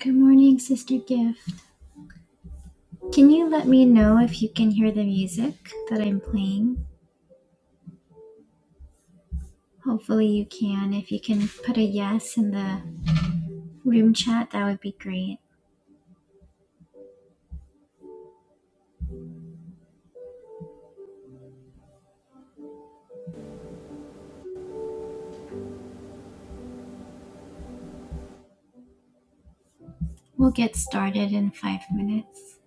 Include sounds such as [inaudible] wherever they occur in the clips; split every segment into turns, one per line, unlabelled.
Good morning, Sister Gift. Can you let me know if you can hear the music that I'm playing? Hopefully, you can. If you can put a yes in the room chat, that would be great. We'll get started in five minutes.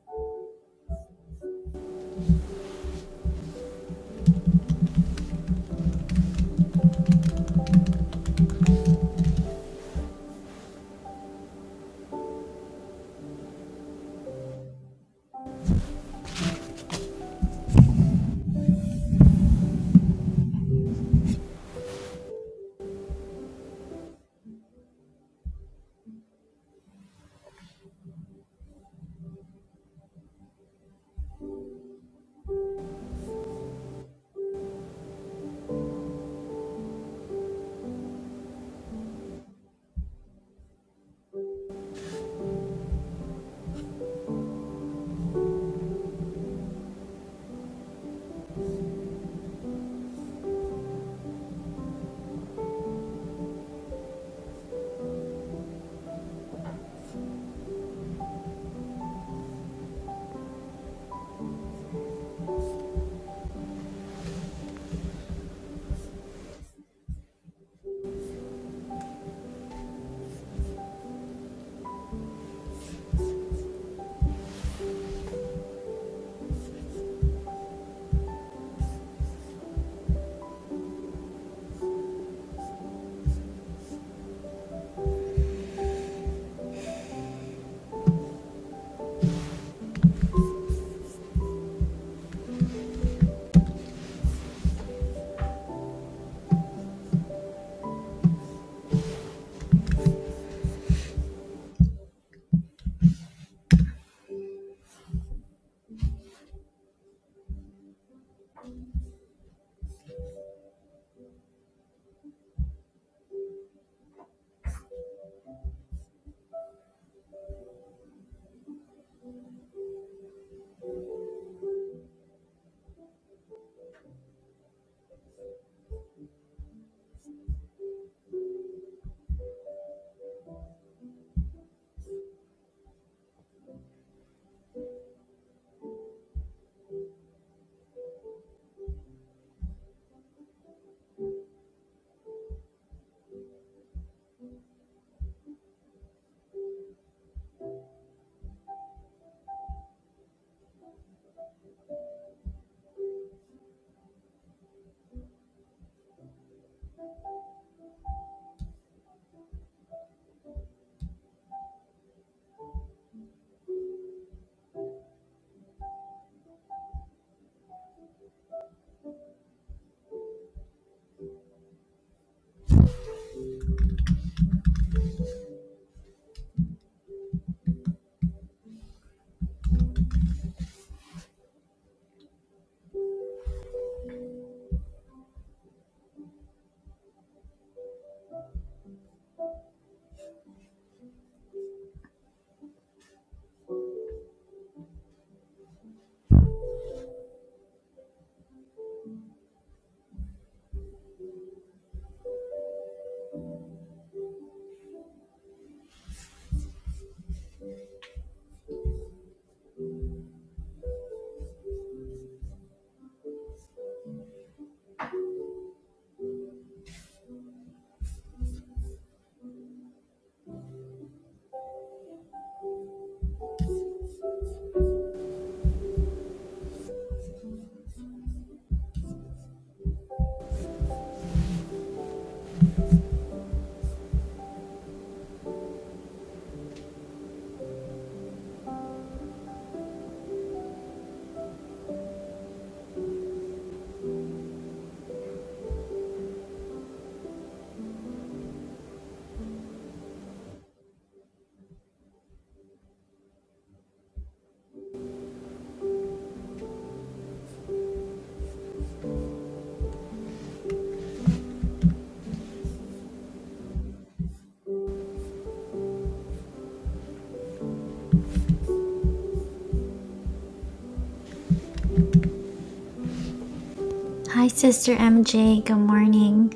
Hi, Sister MJ. Good morning.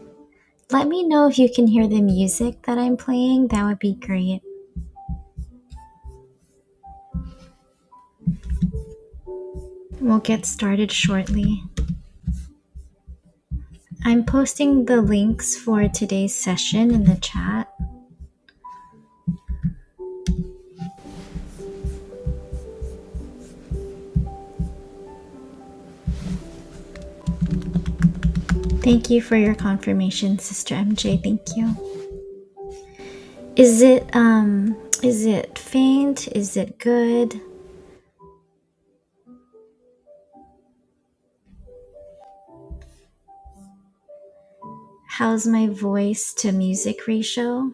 Let me know if you can hear the music that I'm playing. That would be great. We'll get started shortly. I'm posting the links for today's session in the chat. Thank you for your confirmation, Sister MJ. Thank you. Is it um is it faint? Is it good? How's my voice to music ratio?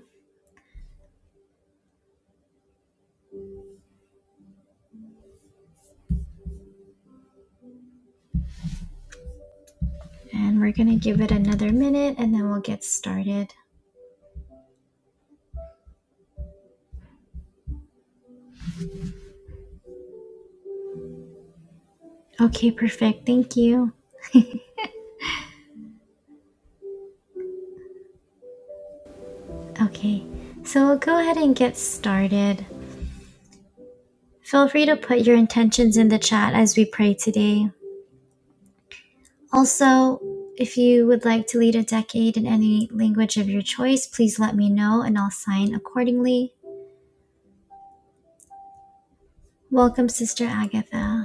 And we're going to give it another minute and then we'll get started. Okay, perfect. Thank you. Okay. So we'll go ahead and get started. Feel free to put your intentions in the chat as we pray today. Also, if you would like to lead a decade in any language of your choice, please let me know and I'll sign accordingly. Welcome, Sister Agatha.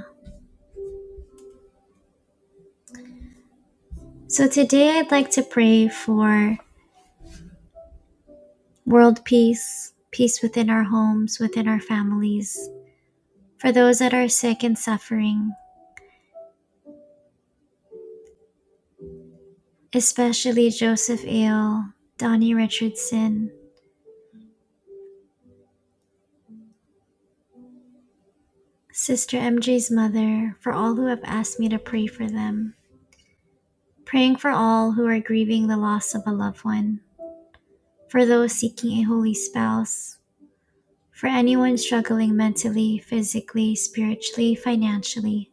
So today I'd like to pray for world peace, peace within our homes, within our families, for those that are sick and suffering, especially Joseph Ale, Donnie Richardson, Sister MJ's mother, for all who have asked me to pray for them. Praying for all who are grieving the loss of a loved one, for those seeking a holy spouse, for anyone struggling mentally, physically, spiritually, financially,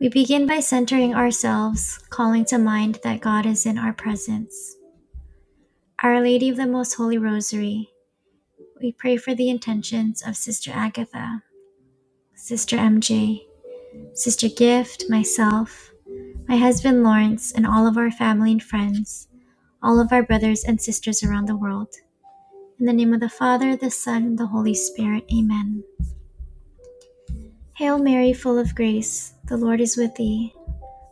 We begin by centering ourselves, calling to mind that God is in our presence. Our Lady of the Most Holy Rosary, we pray for the intentions of Sister Agatha, Sister MJ, Sister Gift, myself, my husband Lawrence, and all of our family and friends, all of our brothers and sisters around the world. In the name of the Father, the Son, and the Holy Spirit, amen. Hail Mary, full of grace, the Lord is with thee.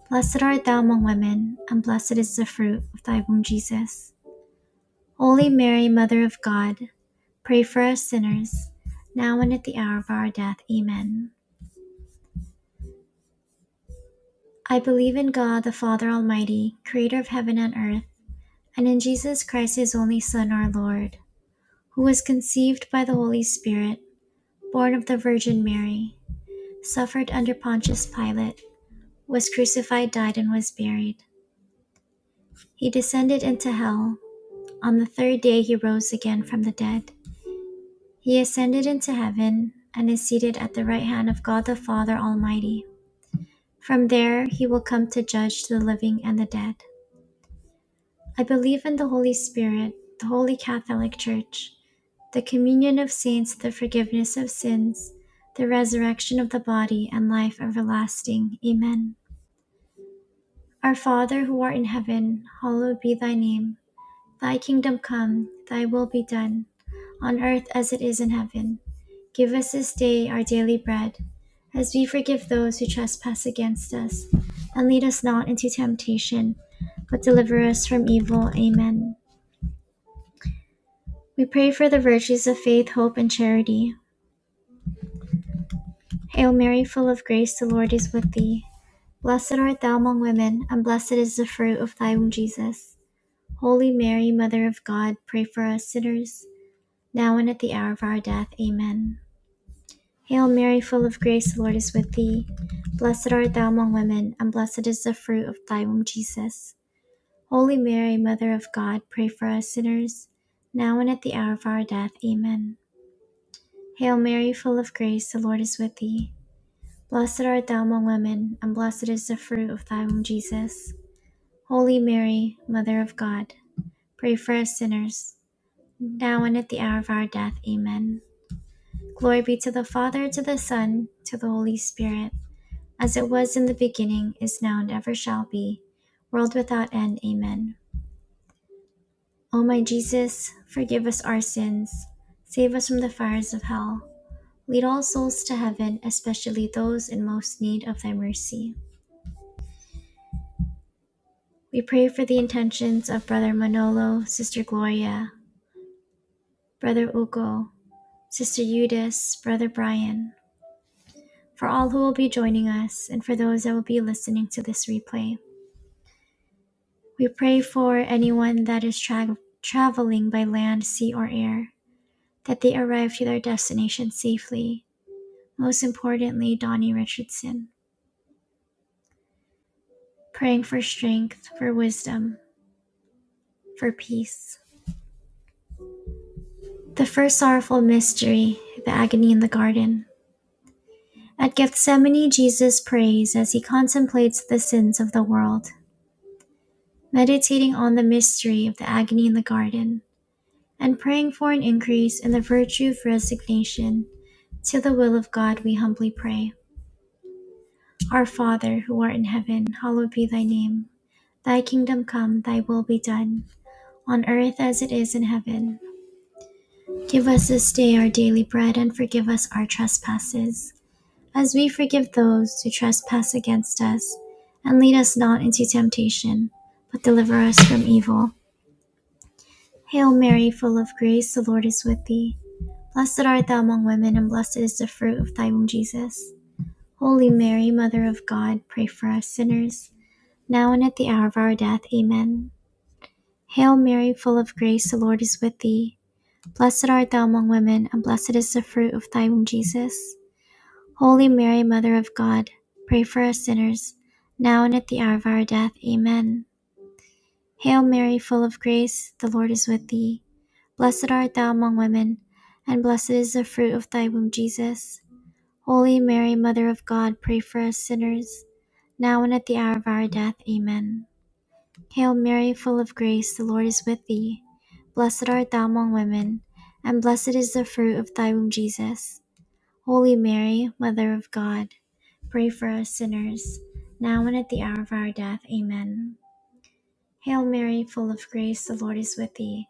Blessed art thou among women, and blessed is the fruit of thy womb, Jesus. Holy Mary, Mother of God, pray for us sinners, now and at the hour of our death. Amen. I believe in God, the Father Almighty, creator of heaven and earth, and in Jesus Christ, his only Son, our Lord, who was conceived by the Holy Spirit, born of the Virgin Mary, suffered under Pontius Pilate, was crucified, died, and was buried. He descended into hell. On the third day, he rose again from the dead. He ascended into heaven and is seated at the right hand of God the Father Almighty. From there, he will come to judge the living and the dead. I believe in the Holy Spirit, the Holy Catholic Church, the communion of saints, the forgiveness of sins, the resurrection of the body, and life everlasting. Amen. Our Father who art in heaven, hallowed be thy name. Thy kingdom come, thy will be done, on earth as it is in heaven. Give us this day our daily bread, as we forgive those who trespass against us. And lead us not into temptation, but deliver us from evil. Amen. We pray for the virtues of faith, hope, and charity. Hail Mary, full of grace, the Lord is with thee. Blessed art thou among women, and blessed is the fruit of thy womb, Jesus. Holy Mary, Mother of God, pray for us sinners, now and at the hour of our death. Amen. Hail Mary, full of grace, the Lord is with thee. Blessed art thou among women, and blessed is the fruit of thy womb, Jesus. Holy Mary, Mother of God, pray for us sinners, now and at the hour of our death. Amen. Hail Mary, full of grace, the Lord is with thee. Blessed art thou among women, and blessed is the fruit of thy womb, Jesus. Holy Mary, Mother of God, pray for us sinners, now and at the hour of our death. Amen. Glory be to the Father, to the Son, to the Holy Spirit as it was in the beginning, is now, and ever shall be, world without end. Amen. O my Jesus, forgive us our sins, save us from the fires of hell, lead all souls to heaven, especially those in most need of thy mercy. We pray for the intentions of Brother Manolo, Sister Gloria, Brother Ugo, Sister Eudice, Brother Brian, for all who will be joining us, and for those that will be listening to this replay. We pray for anyone that is tra- traveling by land, sea, or air, that they arrive to their destination safely. Most importantly, Donnie Richardson, praying for strength, for wisdom, for peace. The first sorrowful mystery, the agony in the garden. At Gethsemane, Jesus prays as he contemplates the sins of the world, meditating on the mystery of the agony in the garden. and praying for an increase in the virtue of resignation to the will of God, we humbly pray. Our Father, who art in heaven, hallowed be thy name. Thy kingdom come, thy will be done, on earth as it is in heaven. Give us this day our daily bread, and forgive us our trespasses, as we forgive those who trespass against us. And lead us not into temptation, but deliver us from evil. Hail Mary, full of grace, the Lord is with thee. Blessed art thou among women, and blessed is the fruit of thy womb, Jesus. Holy Mary, Mother of God, pray for us sinners, now and at the hour of our death. Amen. Hail Mary, full of grace, the Lord is with thee. Blessed art thou among women, and blessed is the fruit of thy womb, Jesus. Holy Mary, Mother of God, pray for us sinners, now and at the hour of our death. Amen. Hail Mary, full of grace, the Lord is with thee. Blessed art thou among women, and blessed is the fruit of thy womb, Jesus. Holy Mary, Mother of God, pray for us sinners, now and at the hour of our death. Amen. Hail Mary, full of grace, the Lord is with thee. Blessed art thou among women, and blessed is the fruit of thy womb, Jesus. Holy Mary, Mother of God, pray for us sinners, now and at the hour of our death. Amen. Hail Mary, full of grace, the Lord is with thee.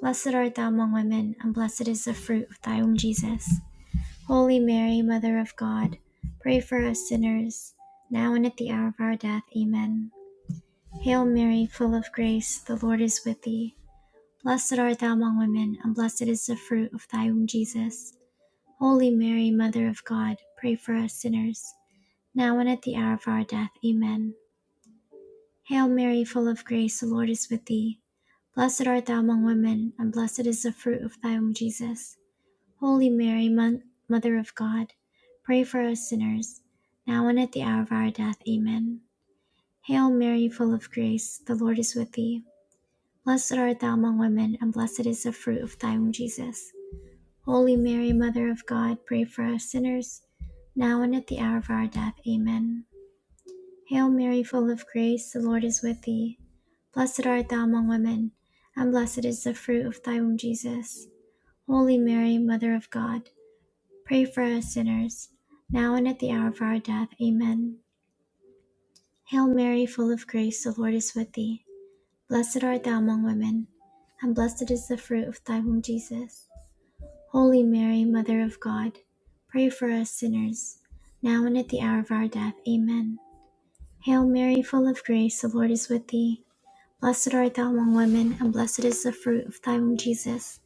Blessed art thou among women, and blessed is the fruit of thy womb, Jesus. Holy Mary, Mother of God, pray for us sinners, now and at the hour of our death. Amen. Hail Mary, full of grace, the Lord is with thee. Blessed art thou among women, and blessed is the fruit of thy womb, Jesus. Holy Mary, Mother of God, pray for us sinners, now and at the hour of our death. Amen. Hail Mary, full of grace, the Lord is with thee. Blessed art thou among women, and blessed is the fruit of thy womb, Jesus. Holy Mary, Mother of God, pray for us sinners, now and at the hour of our death. Amen. Hail Mary, full of grace, the Lord is with thee. Blessed art thou among women, and blessed is the fruit of thy womb, Jesus. Holy Mary, Mother of God, pray for us sinners, now and at the hour of our death. Amen. Hail Mary, full of grace, the Lord is with thee. Blessed art thou among women, and blessed is the fruit of thy womb, Jesus. Holy Mary, Mother of God, Pray for us sinners, now and at the hour of our death. Amen. Hail Mary, full of grace, the Lord is with thee. Blessed art thou among women, and blessed is the fruit of thy womb, Jesus. Holy Mary, Mother of God, pray for us sinners, now and at the hour of our death. Amen. Hail Mary, full of grace, the Lord is with thee. Blessed art thou among women, and blessed is the fruit of thy womb, Jesus.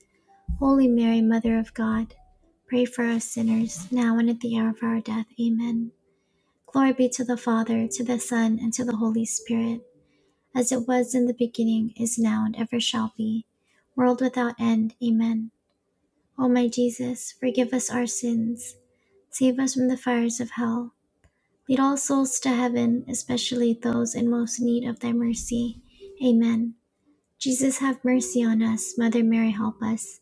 Holy Mary, Mother of God, pray for us sinners, now and at the hour of our death. Amen. Glory be to the Father, to the Son, and to the Holy Spirit, as it was in the beginning, is now, and ever shall be, world without end. Amen. O my Jesus, forgive us our sins, save us from the fires of hell. Lead all souls to heaven, especially those in most need of thy mercy. Amen. Jesus, have mercy on us. Mother Mary, help us.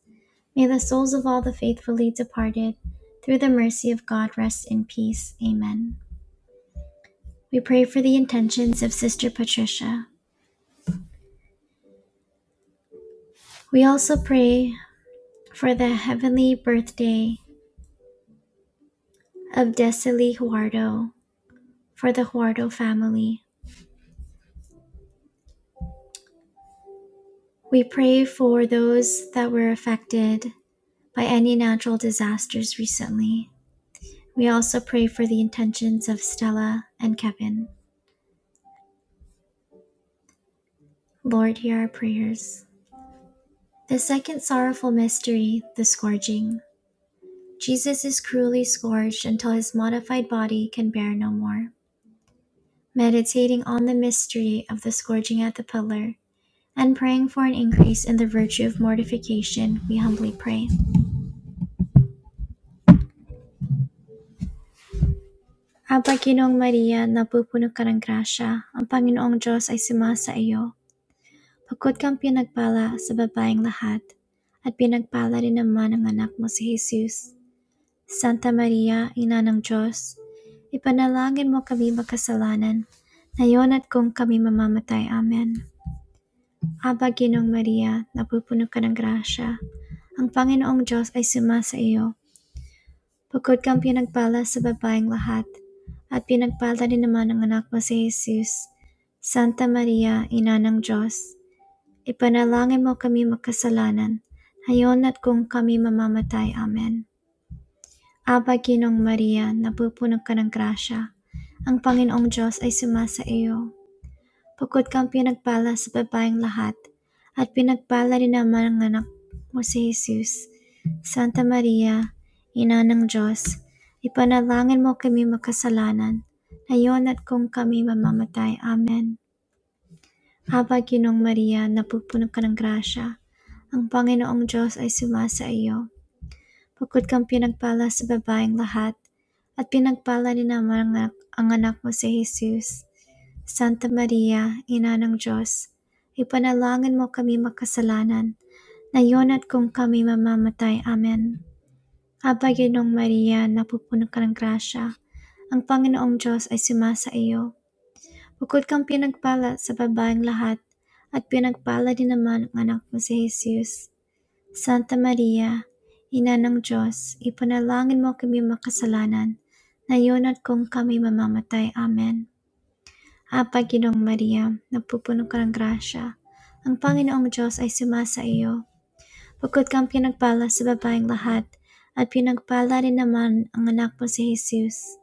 May the souls of all the faithfully departed, through the mercy of God, rest in peace. Amen. We pray for the intentions of Sister Patricia. We also pray for the heavenly birthday of Desiree Huardo, for the Huardo family. We pray for those that were affected by any natural disasters recently. We also pray for the intentions of Stella and Kevin. Lord, hear our prayers. The second sorrowful mystery, the scourging. Jesus is cruelly scourged until his modified body can bear no more. meditating on the mystery of the scourging at the pillar, and praying for an increase in the virtue of mortification, we humbly pray. Aba Ginoong Maria, napupuno ka ng grasya, ang Panginoong Diyos ay sumasa iyo. Pagkod kang pinagpala sa babaeng lahat, at pinagpala rin naman ang anak mo si Jesus. Santa Maria, Ina ng Diyos, ipanalangin mo kami magkasalanan, ngayon at kung kami mamamatay. Amen. Aba Ginong Maria, napupuno ka ng grasya. Ang Panginoong Diyos ay sumasa iyo. Bukod kang pinagpala sa babaeng lahat, at pinagpala din naman ang anak mo si Jesus. Santa Maria, Ina ng Diyos, ipanalangin mo kami magkasalanan, Hayon at kung kami mamamatay. Amen. Aba Ginong Maria, napupuno ka ng grasya. Ang Panginoong Diyos ay sumasa iyo. Bukod kang pinagpala sa babaeng lahat, at pinagpala din naman ang anak mo si Jesus. Santa Maria, Ina ng Diyos, ipanalangin mo kami makasalanan, ngayon at kung kami mamamatay. Amen. Habang Ginong Maria, napupuno ka ng grasya, ang Panginoong Diyos ay sumasa iyo. Bukod kang pinagpala sa babaeng lahat, at pinagpala din naman ang anak, ang anak mo si Jesus. Santa Maria, Ina ng Diyos, ipanalangin mo kami makasalanan, ngayon at kung kami mamamatay. Amen. Aba, Ginong Maria, napupuno ka ng grasya. Ang Panginoong Diyos ay sumasa iyo. Bukod kang pinagpala sa babaeng lahat, at pinagpala din naman ang anak mo si Jesus. Santa Maria, Ina ng Diyos, ipanalangin mo kami makasalanan, ngayon at kung kami mamamatay. Amen. Ah, Panginoong Maria, napupuno ka ng grasya. Ang Panginoong Diyos ay sumasa iyo. Bukod kang pinagpala sa babaeng lahat, at pinagpala rin naman ang anak mo si Jesus.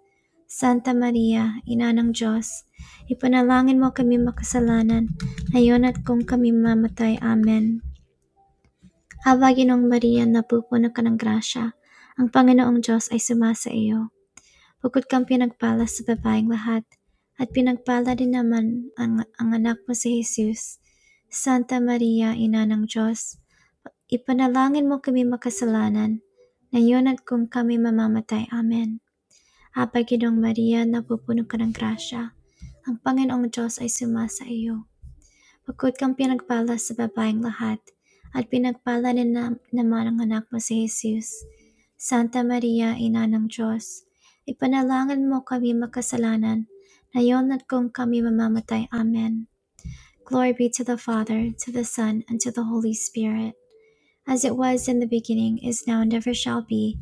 Santa Maria, Ina ng Diyos, ipanalangin mo kami makasalanan, ngayon at kung kami mamatay. Amen. Ah, Ginong Maria, napupuno ka ng grasya. Ang Panginoong Diyos ay sumasa iyo. Bukod kang pinagpala sa babaeng lahat, at pinagpala din naman ang, ang anak mo si Jesus. Santa Maria, Ina ng Diyos, ipanalangin mo kami makasalanan, ngayon at kung kami mamamatay. Amen. Apa Maria, napupuno ka ng grasya. Ang Panginoong Diyos ay sumasa iyo Bukod kang pinagpala sa babaeng lahat, at pinagpala din na, naman ang anak mo si Jesus. Santa Maria, Ina ng Diyos, ipanalangin mo kami makasalanan, ngayon at kung kami mamamatay. Amen. Glory be to the Father, to the Son, and to the Holy Spirit, as it was in the beginning, is now, and ever shall be,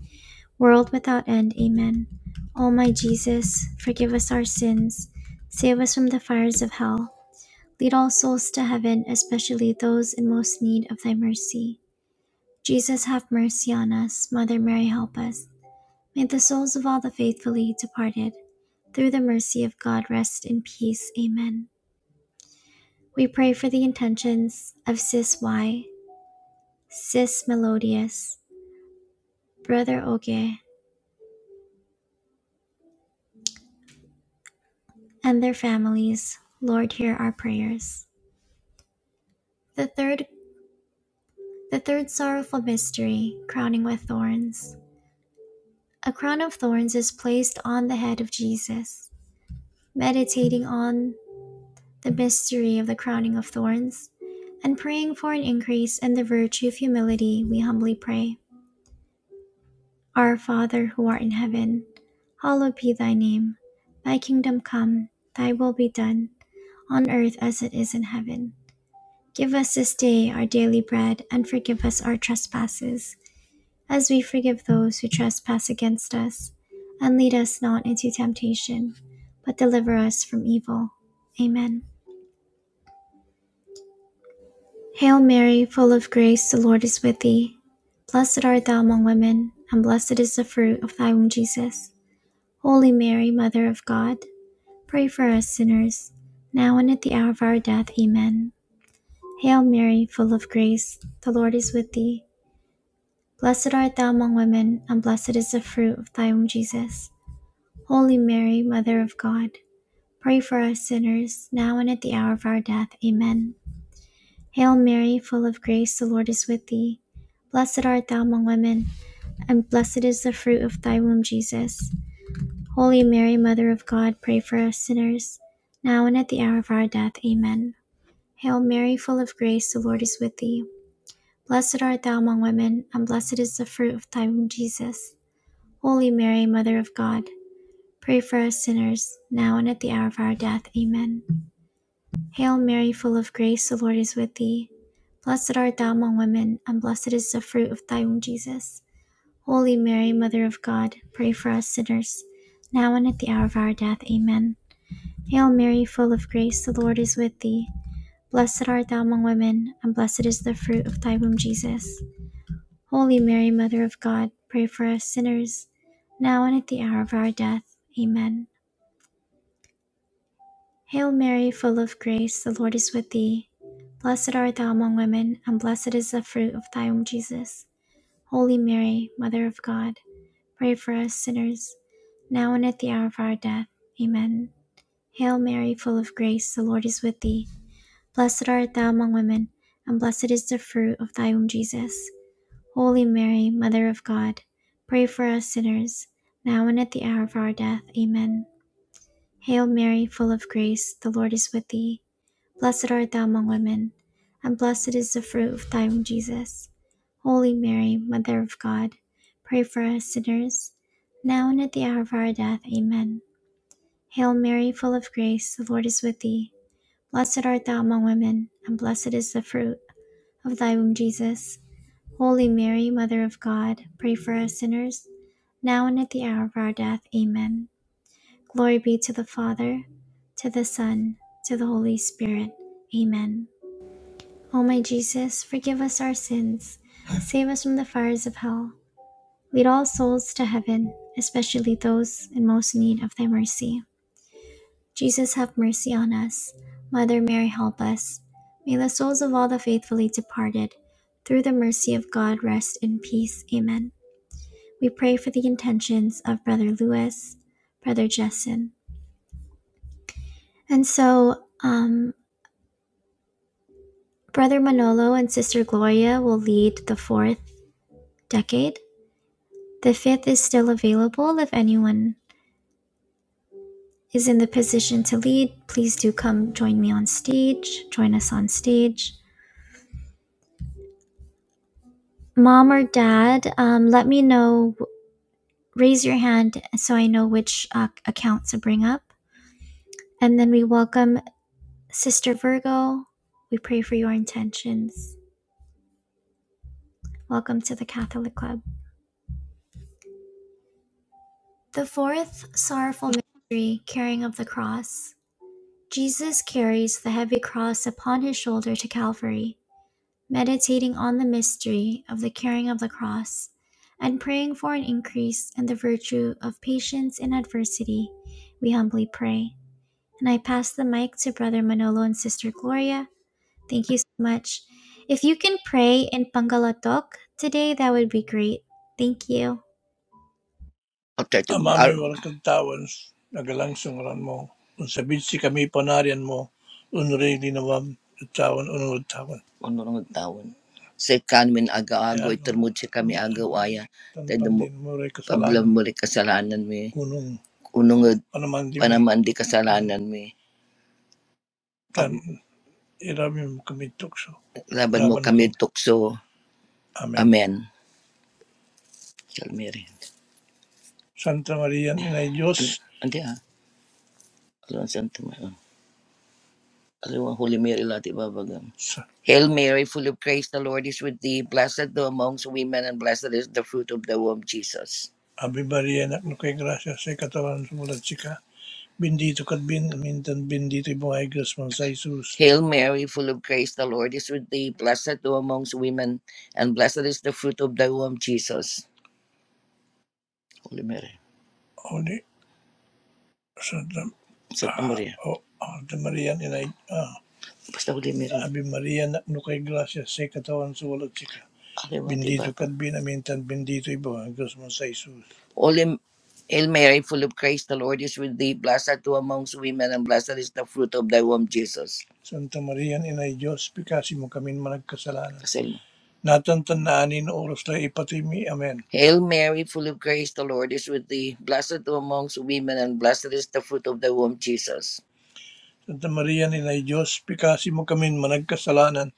world without end. Amen. O my Jesus, forgive us our sins, save us from the fires of hell Lead all souls to heaven, especially those in most need of thy mercy. Jesus, have mercy on us. Mother Mary, help us. May the souls of all the faithfully departed, through the mercy of God, rest in peace. Amen. We pray for the intentions of Sis Y, Sis Melodious, Brother Oge, and their families. Lord, hear our prayers. The third, the third sorrowful mystery, crowning with thorns. A crown of thorns is placed on the head of Jesus. meditating on the mystery of the crowning of thorns, and praying for an increase in the virtue of humility, we humbly pray. Our Father who art in heaven, hallowed be thy name. Thy kingdom come, thy will be done, on earth as it is in heaven. Give us this day our daily bread, and forgive us our trespasses, as we forgive those who trespass against us. And lead us not into temptation, but deliver us from evil. Amen. Hail Mary, full of grace, the Lord is with thee. Blessed art thou among women, and blessed is the fruit of thy womb, Jesus. Holy Mary, Mother of God, pray for us sinners, now and at the hour of our death. Amen. Hail Mary, full of grace, the Lord is with thee. Blessed art thou among women, and blessed is the fruit of thy womb, Jesus. Holy Mary, Mother of God, pray for us sinners, now and at the hour of our death. Amen. Hail Mary, full of grace, the Lord is with thee. Blessed art thou among women, and blessed is the fruit of thy womb, Jesus. Holy Mary, Mother of God, pray for us sinners, now and at the hour of our death. Amen. Hail Mary, full of grace, the Lord is with thee. Blessed art thou among women, and blessed is the fruit of thy womb, Jesus. Holy Mary, Mother of God, pray for us sinners, now and at the hour of our death. Amen. Hail Mary, full of grace, the Lord is with thee. Blessed art thou among women, and blessed is the fruit of thy womb, Jesus. Holy Mary, Mother of God, pray for us sinners, now and at the hour of our death. Amen. Hail Mary, full of grace, the Lord is with thee. Blessed art thou among women, and blessed is the fruit of thy womb, Jesus. Holy Mary, Mother of God, pray for us sinners, now and at the hour of our death. Amen. Hail Mary, full of grace, the Lord is with thee. Blessed art thou among women, and blessed is the fruit of thy womb, Jesus. Holy Mary, Mother of God, pray for us sinners, now and at the hour of our death. Amen. Hail Mary, full of grace, the Lord is with thee. Blessed art thou among women, and blessed is the fruit of thy womb, Jesus. Holy Mary, Mother of God, pray for us sinners, now and at the hour of our death. Amen. Hail Mary, full of grace, the Lord is with thee. Blessed art thou among women, and blessed is the fruit of thy womb, Jesus. Holy Mary, Mother of God, pray for us sinners, now and at the hour of our death. Amen. Hail Mary, full of grace, the Lord is with thee. Blessed art thou among women, and blessed is the fruit of thy womb, Jesus. Holy Mary, Mother of God, pray for us sinners, now and at the hour of our death. Amen. Glory be to the Father, to the Son, to the Holy Spirit. Amen. O my Jesus, forgive us our sins, save us from the fires of hell, lead all souls to heaven, especially those in most need of thy mercy. Jesus, have mercy on us. Mother Mary, help us. May the souls of all the faithfully departed, through the mercy of God, rest in peace. Amen. We pray for the intentions of Brother Louis, Brother Jessen. And so, um, Brother Manolo and Sister Gloria will lead the fourth decade The fifth is still available if anyone is in the position to lead. Please do come join me on stage. Join us on stage. Mom or dad, um, let me know. Raise your hand so I know which uh, account to bring up. And then we welcome Sister Virgo. We pray for your intentions. Welcome to the Catholic Club. The fourth sorrowful mystery, carrying of the cross. Jesus carries the heavy cross upon his shoulder to Calvary. meditating on the mystery of the carrying of the cross, and praying for an increase in the virtue of patience in adversity, we humbly pray. And I pass the mic to Brother Manolo and Sister Gloria. Thank you so much. If you can pray in Pangalatok today, that would be great. Thank you.
Okay. Ang aming walang kantawan, nagalang sungaran mo. Kung sabid si kami panarian mo, unray linawam, tawan, unod tawan. unurong tawon. Sa kanmin aga-ago, Yan, itarmod sa kami agaw-aya. Tayo tantan mo, din mo rin pablam kasalanan. mo rin kasalanan mi. Kunong Unong panaman di mi, panaman di kasalanan mi. tan, Pag irami mo kami tukso. laban mo Laban ko. kami tukso. Amen. Amen. Salmeri. Santa Maria, Inay Diyos, Ante ha? Alam sa ante Holy Mary, Lati Babagam. Hail Mary, full of grace, the Lord is with thee. Blessed thou amongst women, and blessed is the fruit of the womb, Jesus. Ave María, llena no kay gracia, se katawan sumulat sika. Bendito kat bin, mintan bendito yung mga igras mo sa Jesus. Hail Mary, full of grace, the Lord is with thee. Blessed thou amongst women, and blessed is the fruit of thy womb, Jesus. Holy Mary, Holy, Santa, Santa Maria, oh, Ave María, ina, Basta huli meron. Ave María, no kay gracia, seca tawan sa walat sika. Bendito kat binamintan, bendito ibo, Diyos mo sa Jesus. Holy Hail Mary, full of grace, the Lord is with thee. Blessed art thou amongst women, and blessed is the fruit of thy womb, Jesus. Santa Maria, Inay Diyos, pikasi mo kami managkasalanan. Kasi, Natantanaanin oras na ipatimi. Amen. Hail Mary, full of grace, the Lord is with thee. Blessed art thou amongst women, and blessed is the fruit of thy womb, Jesus. Santa Maria nilay Diyos, pikasimo kami managkasalanan,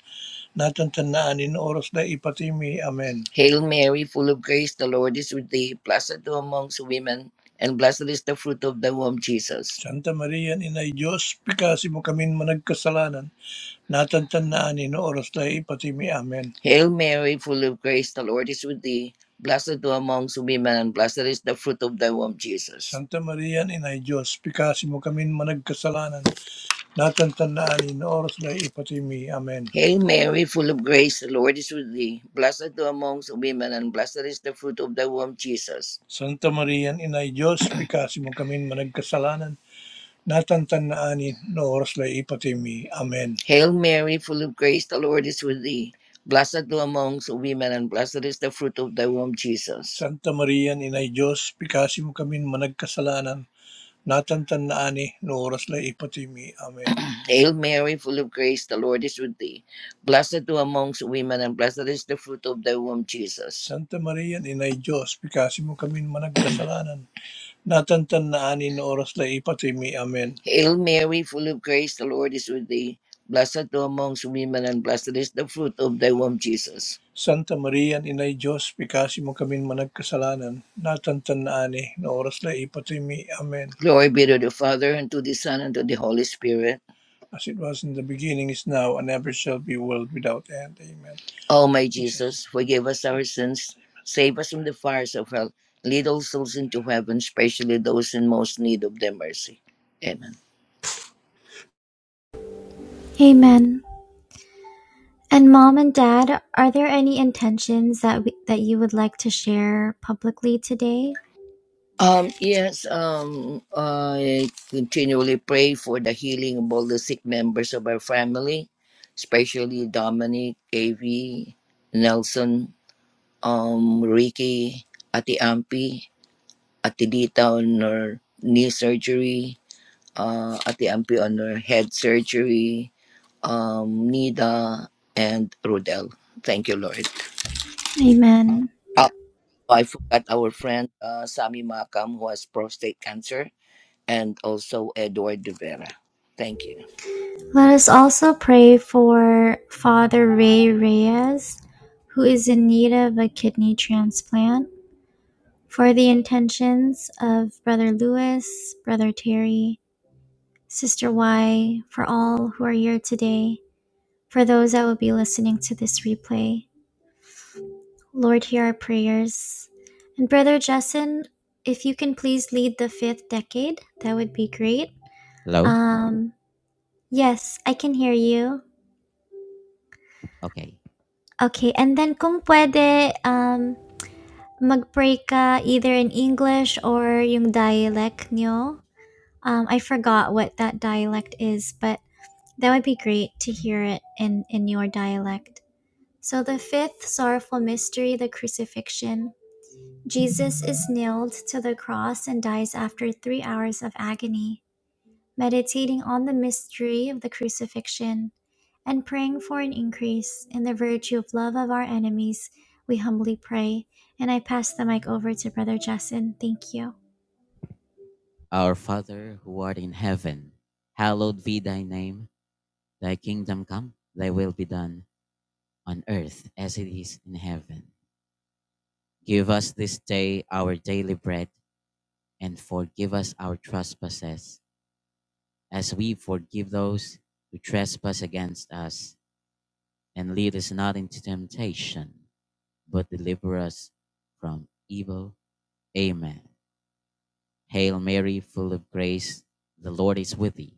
natang tanaanin oras na ipatimi. Amen. Hail Mary, full of grace, the Lord is with thee. Blessed thou amongst women, and blessed is the fruit of thy womb, Jesus. Santa Maria Inay Diyos, pikasimo kami managkasalanan, natang tanaanin oras na ipatimi. Amen. Hail Mary, full of grace, the Lord is with thee. Blessed thou amongst women, and blessed is the fruit of thy womb, Jesus. Santa Maria Inay Diyos, pikasi mo kami managkasalanan, Natantandaan ni oras na ipatimi. Amen. Hail Mary, full of grace, the Lord is with thee. Blessed thou amongst women, and blessed is the fruit of thy womb, Jesus. Santa Maria, Inay Diyos, bikasi mo kami managkasalanan. Natantandaan ni oras na ipatimi. Amen. Hail Mary, full of grace, the Lord is with thee. Blessed thou amongst women, and blessed is the fruit of thy womb, Jesus. Santa Maria, Inay Diyos, bikasi mo kami managkasalanan natatandaan na oras na ipatimi. Amen. [clears throat] Hail Mary, full of grace, the Lord is with thee. Blessed thou amongst women, and blessed is the fruit of thy womb, Jesus. Santa Maria, Inay Diyos, pikasi mo kami ng managkasalanan natatandaan in oras na ipatimi. Amen. Hail Mary, full of grace, the Lord is with thee. Blessed thou amongst women, and blessed is the fruit of thy womb, Jesus. Santa Maria, Inay Diyos, pikasi mo kaming managkasalanan, natatandaan na oras na ipatimi. Amen. Glory be to the Father, and to the Son, and to the Holy Spirit. As it was in the beginning, is now, and ever shall be, world without end. Amen. O my Jesus, forgive us our sins, save us from the fires of hell. Lead souls into heaven, especially those in most need of their mercy. Amen.
Amen. And mom and dad, are there any intentions that we, that you would like to share publicly today?
Um, yes, um, I continually pray for the healing of all the sick members of our family, especially Dominic, KV, Nelson, um, Ricky, Ati Ampi, Ati Dita on her knee surgery, uh, Ati Ampi on her head surgery, um, Nida, and Rodel. Thank you, Lord.
Amen.
I forgot our friend uh, Sami Makam, who has prostate cancer, and also Edward De Vera. Thank you.
Let us also pray for Father Ray Reyes, who is in need of a kidney transplant, for the intentions of Brother Lewis, Brother Terry, Sister Y, for all who are here today, for those that will be listening to this replay. Lord, hear our prayers. And Brother Justin, if you can please lead the fifth decade, that would be great.
Hello?
Um, yes, I can hear you.
Okay.
Okay, and then kung puwede, um, mag-pray ka either in English or yung dialect niyo. Um, I forgot what that dialect is, but that would be great to hear it in, in your dialect. So the fifth sorrowful mystery, the crucifixion. Jesus is nailed to the cross and dies after three hours of agony meditating on the mystery of the crucifixion, and praying for an increase in the virtue of love of our enemies, we humbly pray. And I pass the mic over to Brother Justin. Thank you.
Our Father who art in heaven, hallowed be thy name. Thy kingdom come, thy will be done on earth as it is in heaven. Give us this day our daily bread and forgive us our trespasses as we forgive those who trespass against us. And lead us not into temptation, but deliver us from evil. Amen. Hail Mary, full of grace, the Lord is with thee.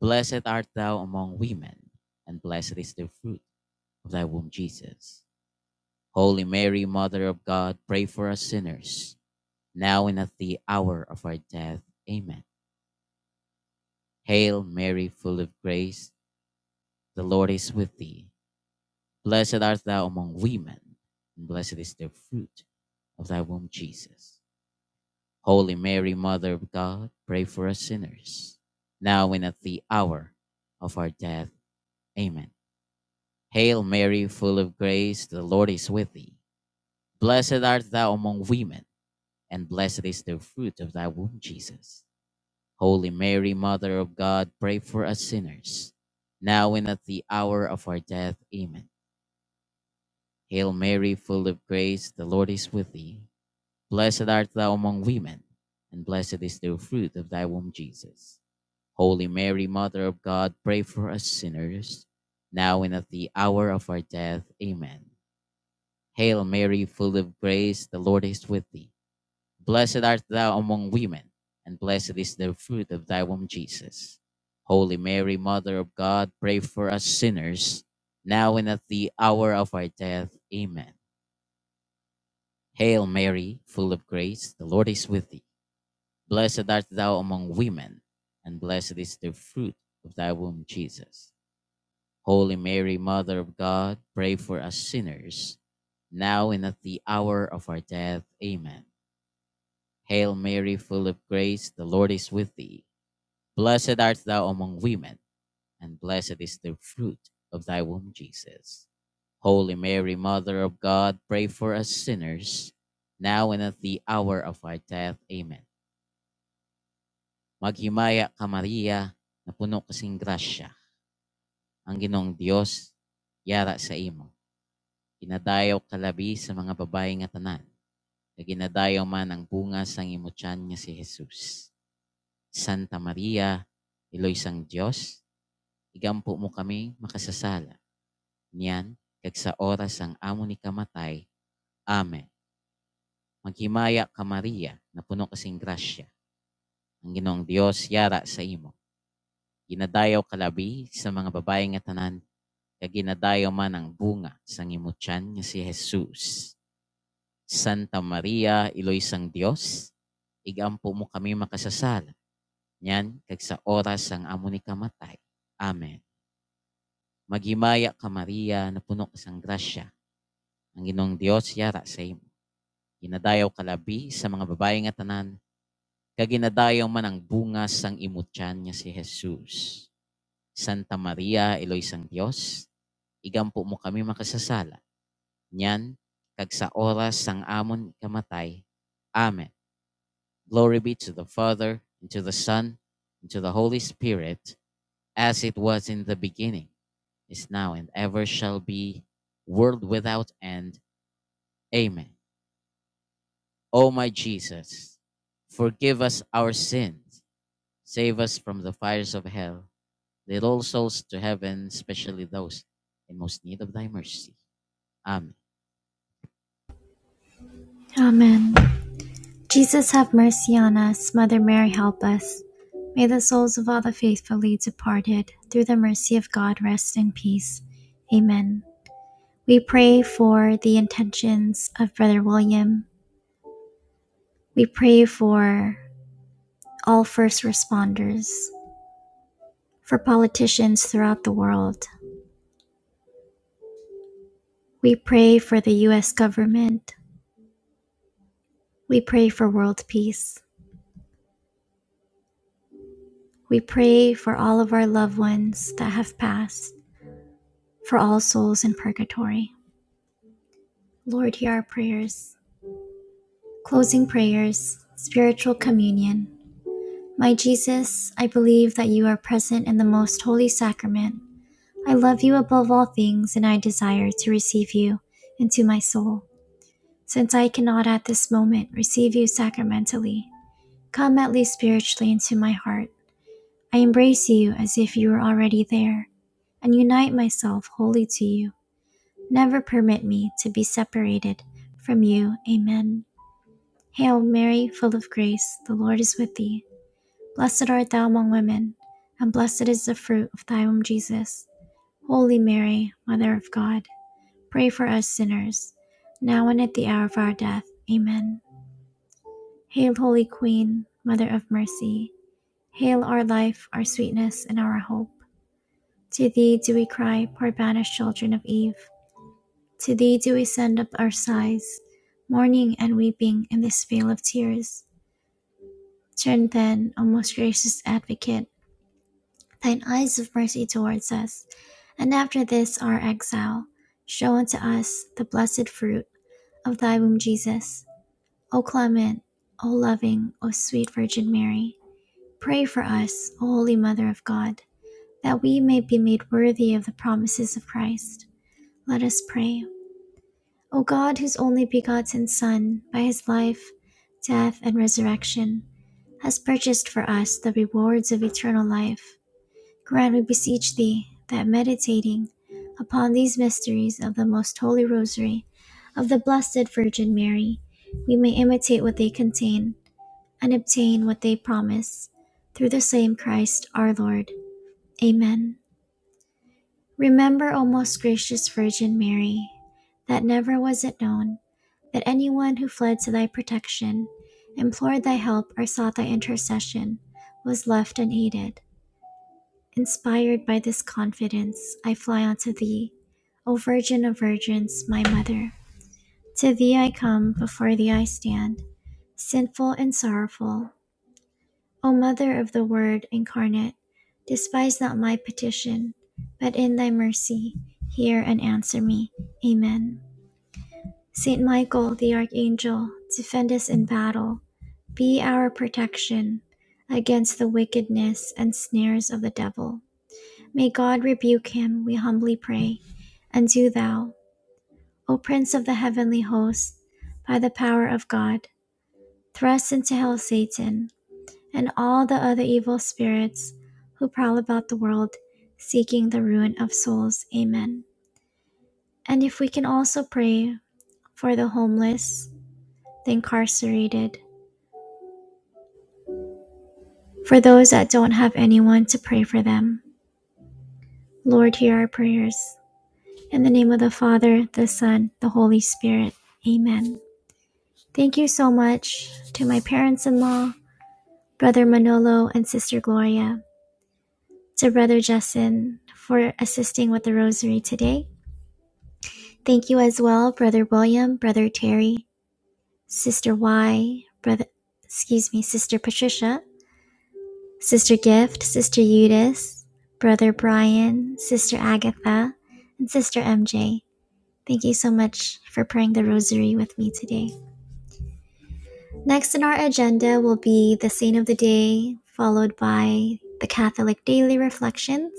Blessed art thou among women, and blessed is the fruit of thy womb, Jesus. Holy Mary, Mother of God, pray for us sinners, now and at the hour of our death. Amen. Hail Mary, full of grace, the Lord is with thee. Blessed art thou among women, and blessed is the fruit of thy womb, Jesus. Holy Mary, Mother of God, pray for us sinners, now and at the hour of our death. Amen. Hail Mary, full of grace, the Lord is with thee. Blessed art thou among women, and blessed is the fruit of thy womb, Jesus. Holy Mary, Mother of God, pray for us sinners, now and at the hour of our death. Amen. Hail Mary, full of grace, the Lord is with thee. Blessed art thou among women, and blessed is the fruit of thy womb, Jesus. Holy Mary, Mother of God, pray for us sinners, now and at the hour of our death. Amen. Hail Mary, full of grace, the Lord is with thee. Blessed art thou among women, and blessed is the fruit of thy womb, Jesus. Holy Mary, Mother of God, pray for us sinners, now and at the hour of our death. Amen. Hail Mary, full of grace, the Lord is with thee. Blessed art thou among women, and blessed is the fruit of thy womb, Jesus. Holy Mary, Mother of God, pray for us sinners, now and at the hour of our death. Amen. Hail Mary, full of grace, the Lord is with thee. Blessed art thou among women, and blessed is the fruit of thy womb, Jesus. Holy Mary, Mother of God, pray for us sinners, now and at the hour of our death. Amen. Maghimaya ka Maria, na puno kasing grasya, ang ginong Diyos, yara sa imo. Ginadayaw ka labi sa mga babae nga tanan, na ginadayaw man ang bunga sa imo tiyan nga si Jesus. Santa Maria, Iloy sang Diyos, igampo mo kami makasasala. Niyan, kag sa oras ang amo ni kamatay. Amen. Maghimaya ka Maria, na puno kasing grasya. Ang Ginoong Dios yara sa imo. Ginadayaw kalabi sa mga babae nga tanan, kag ginadayaw man ang bunga sa imo tiyan nga si Jesus. Santa Maria, Iloy sang Diyos, igampo mo kami makasasala. Niyan, kag sa oras ang amo ni kamatay. Amen. Maghimaya ka Maria, na puno ka sang grasya. Ang Ginoong Dios yara sa imo. Ginadayaw ka labi sa mga babae nga tanan, kag man ang bunga sang imong tiyan si Jesus. Santa Maria, Eloy sang Dios, igampo mo kami makasasala. Nyan kag sa oras sang amon kamatay. Amen. Glory be to the Father, and to the Son, and to the Holy Spirit, as it was in the beginning, is now, and ever shall be, world without end. Amen. O my Jesus, forgive us our sins. Save us from the fires of hell. Lead all souls to heaven, especially those in most need of thy mercy. Amen.
Amen. Jesus, have mercy on us. Mother Mary, help us. May the souls of all the faithfully departed, through the mercy of God, rest in peace. Amen. We pray for the intentions of Brother William. We pray for all first responders. for politicians throughout the world. We pray for the U.S. government. We pray for world peace. We pray for all of our loved ones that have passed, for all souls in purgatory. Lord, hear our prayers. Closing prayers, spiritual communion. My Jesus, I believe that you are present in the most holy sacrament. I love you above all things, and I desire to receive you into my soul. Since I cannot at this moment receive you sacramentally, Come at least spiritually into my heart. I embrace you as if you were already there and unite myself wholly to you. Never permit me to be separated from you. Amen. Hail Mary, full of grace, the Lord is with thee. Blessed art thou among women, and blessed is the fruit of thy womb, Jesus. Holy Mary, Mother of God, pray for us sinners, now and at the hour of our death. Amen. Hail, Holy Queen, Mother of Mercy. Hail our life, our sweetness, and our hope. To thee do we cry, poor banished children of Eve. To thee do we send up our sighs, mourning and weeping in this vale of tears. Turn then, O most gracious advocate, thine eyes of mercy towards us, and after this our exile, show unto us the blessed fruit of thy womb, Jesus. O clement, O loving, O sweet Virgin Mary, pray for us, O holy Mother of God that we may be made worthy of the promises of Christ. Let us pray. O God, whose only begotten Son, by his life, death, and resurrection, has purchased for us the rewards of eternal life, grant, we beseech thee, that meditating upon these mysteries of the most holy rosary of the Blessed Virgin Mary, we may imitate what they contain and obtain what they promise. Through the same Christ our Lord. Amen. Remember, O most gracious Virgin Mary, that never was it known that anyone who fled to thy protection, implored thy help, or sought thy intercession was left unaided. Inspired by this confidence, I fly unto thee, O Virgin of Virgins, my Mother. To thee I come, before thee I stand, sinful and sorrowful. O Mother of the Word incarnate, despise not my petition, but in thy mercy hear and answer me. Amen. Saint Michael the Archangel, defend us in battle. Be our protection against the wickedness and snares of the devil. May God rebuke him, we humbly pray. And do thou, O Prince of the heavenly host, by the power of God, thrust into hell Satan and all the other evil spirits who prowl about the world seeking the ruin of souls. Amen. And if we can also pray for the homeless, the incarcerated, for those that don't have anyone to pray for them, Lord, hear our prayers. In the name of the Father, the Son, the Holy Spirit. Amen. Thank you so much to my parents in law, Brother Manolo and Sister Gloria, to Brother Justin for assisting with the rosary today Thank you as well, Brother William, Brother Terry, Sister Y, Brother, excuse me, Sister Patricia, Sister Gift, Sister Eudice, Brother Brian, Sister Agatha, and Sister MJ. Thank you so much for praying the rosary with me today. Next in our agenda will be the saint of the day, followed by the Catholic daily reflections.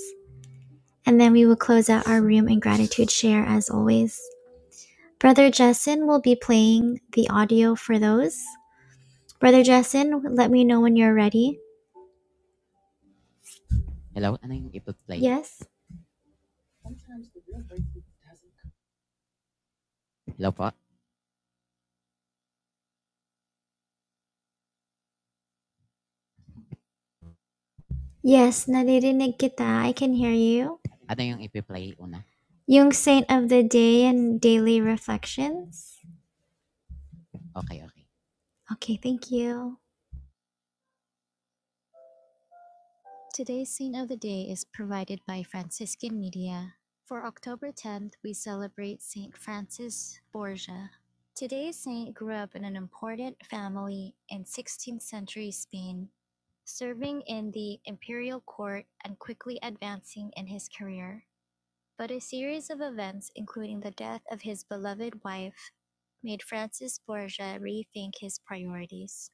And then we will close out our room in gratitude share as always. Brother Jessen will be playing the audio for those. Brother Jessen, let me know when you're ready.
Hello? Ano yung play?
Yes?
Hello po?
Yes, naririnig kita. I can hear you.
Ano yung ipiplay una?
Yung saint of the day and daily reflections.
Okay, okay.
Okay, thank you.
Today's Scene of the Day is provided by Franciscan Media. For October 10th, we celebrate St. Francis Borgia. Today's saint grew up in an important family in 16th century Spain, serving in the imperial court and quickly advancing in his career. But a series of events, including the death of his beloved wife, made Francis Borgia rethink his priorities.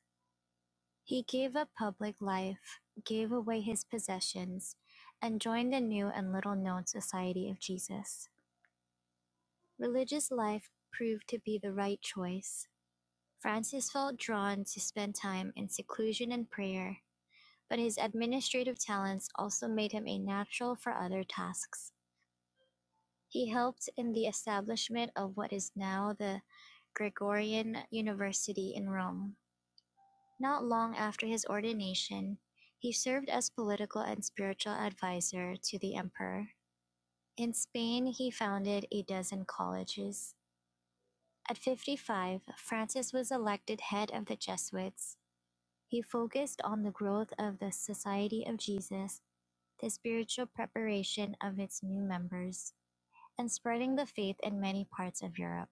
He gave up public life, gave away his possessions, and joined the new and little known Society of Jesus. Religious life proved to be the right choice. Francis felt drawn to spend time in seclusion and prayer, but his administrative talents also made him a natural for other tasks. He helped in the establishment of what is now the Gregorian University in Rome. Not long after his ordination, he served as political and spiritual adviser to the emperor. In Spain, he founded a dozen colleges. At 55, Francis was elected head of the Jesuits. He focused on the growth of the Society of Jesus, the spiritual preparation of its new members, and spreading the faith in many parts of Europe.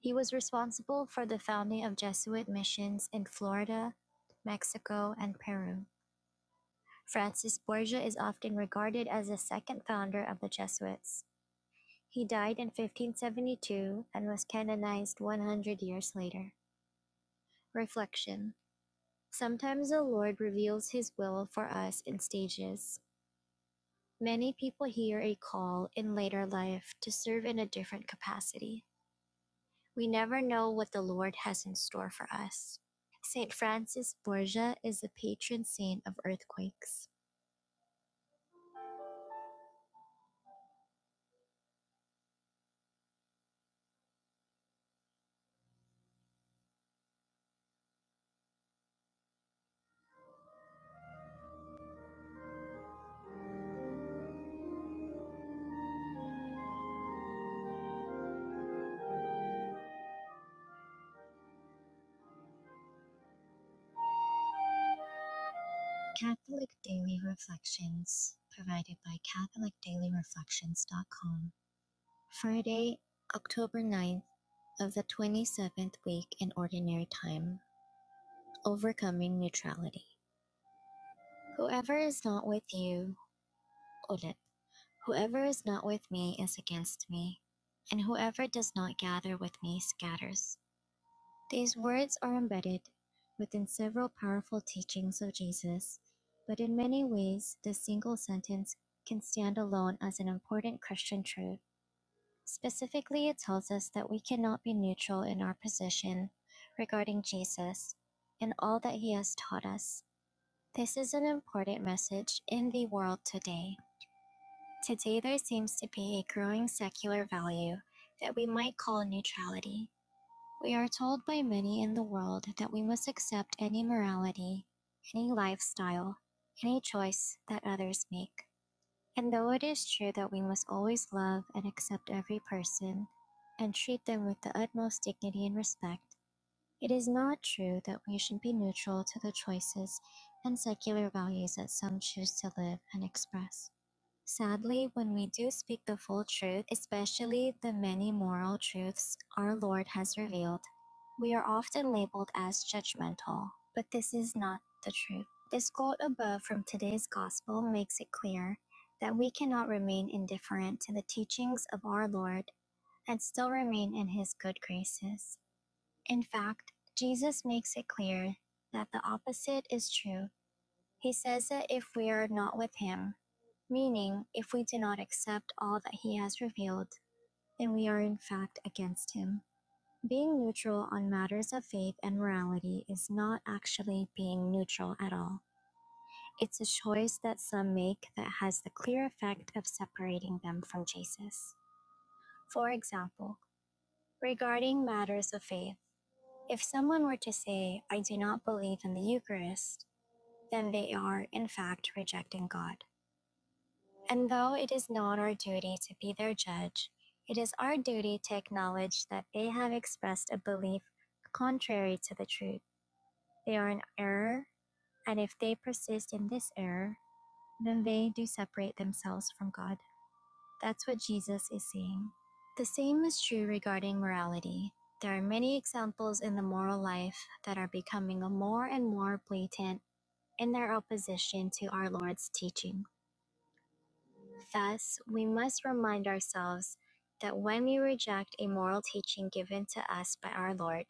He was responsible for the founding of Jesuit missions in Florida, Mexico, and Peru. Francis Borgia is often regarded as the second founder of the Jesuits. He died in 1572 and was canonized 100 years later. Reflection Sometimes the Lord reveals His will for us in stages. Many people hear a call in later life to serve in a different capacity. We never know what the Lord has in store for us. St. Francis Borgia is the patron saint of earthquakes. Catholic Daily Reflections, provided by CatholicDailyReflections.com. Friday, October ninth of the 27th week in Ordinary Time, Overcoming Neutrality. Whoever is not with you, ulit. Whoever is not with me is against me, and whoever does not gather with me scatters. These words are embedded within several powerful teachings of Jesus, but in many ways, this single sentence can stand alone as an important Christian truth. Specifically, it tells us that we cannot be neutral in our position regarding Jesus and all that he has taught us. This is an important message in the world today. Today, there seems to be a growing secular value that we might call neutrality. We are told by many in the world that we must accept any morality, any lifestyle, any choice that others make. And though it is true that we must always love and accept every person and treat them with the utmost dignity and respect, it is not true that we should be neutral to the choices and secular values that some choose to live and express. Sadly, when we do speak the full truth, especially the many moral truths our Lord has revealed, we are often labeled as judgmental. But this is not the truth. This quote above from today's gospel makes it clear that we cannot remain indifferent to the teachings of our Lord and still remain in his good graces. In fact, Jesus makes it clear that the opposite is true he says that if we are not with him, meaning if we do not accept all that he has revealed, then we are in fact against him. Being neutral on matters of faith and morality is not actually being neutral at all. It's a choice that some make that has the clear effect of separating them from Jesus. For example, regarding matters of faith, if someone were to say, I do not believe in the Eucharist, then they are, in fact, rejecting God. And though it is not our duty to be their judge, it is our duty to acknowledge that they have expressed a belief contrary to the truth. They are in error, and if they persist in this error, then they do separate themselves from God. That's what Jesus is saying. The same is true regarding morality. There are many examples in the moral life that are becoming more and more blatant in their opposition to our Lord's teaching. Thus, we must remind ourselves that when we reject a moral teaching given to us by our Lord,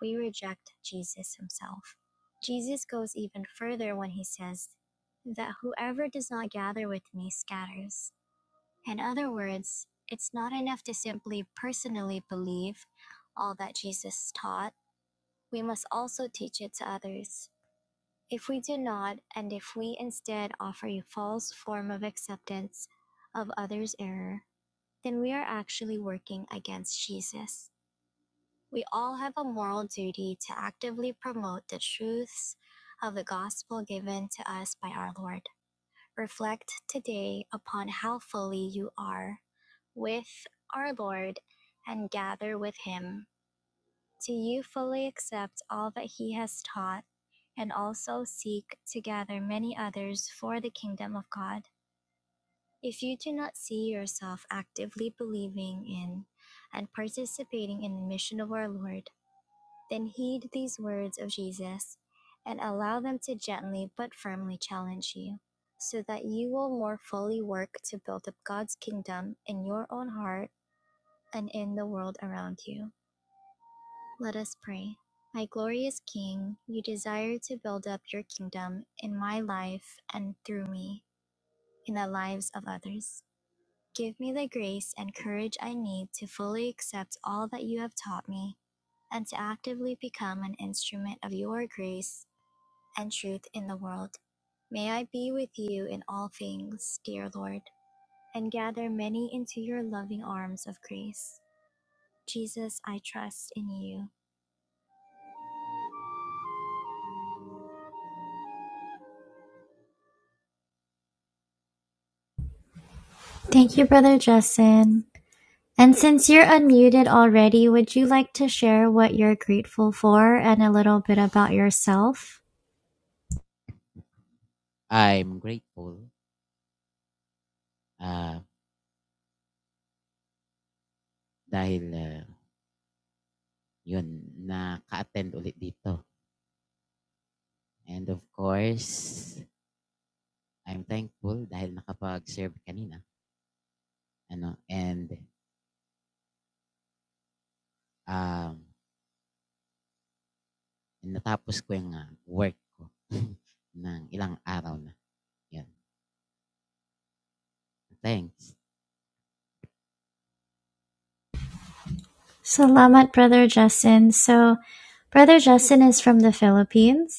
we reject Jesus himself. Jesus goes even further when he says that whoever does not gather with me scatters. In other words, it's not enough to simply personally believe all that Jesus taught, we must also teach it to others. If we do not, and if we instead offer a false form of acceptance of others' error, then we are actually working against Jesus. We all have a moral duty to actively promote the truths of the gospel given to us by our Lord. Reflect today upon how fully you are with our Lord and gather with Him do you fully accept all that he has taught, and also seek to gather many others for the kingdom of God? If you do not see yourself actively believing in and participating in the mission of our Lord, then heed these words of Jesus and allow them to gently but firmly challenge you, so that you will more fully work to build up God's kingdom in your own heart and in the world around you. Let us pray. My glorious King, you desire to build up your kingdom in my life and through me in the lives of others. Give me the grace and courage I need to fully accept all that you have taught me and to actively become an instrument of your grace and truth in the world. May I be with you in all things, dear Lord, and gather many into your loving arms of grace. Jesus, I trust in you.
Thank you, Brother Jessen. And since you're unmuted already, would you like to share what you're grateful for and a little bit about yourself?
I'm grateful. Uh, Dahil, ah, 'yun naka-attend ulit dito and of course, I'm thankful dahil nakapag-serve kanina ano and, um, natapos ko 'yung, ah, work ko [laughs] ng ilang araw na, 'yun. Thanks.
Salamat, Brother Justin. So, Brother Justin is from the Philippines.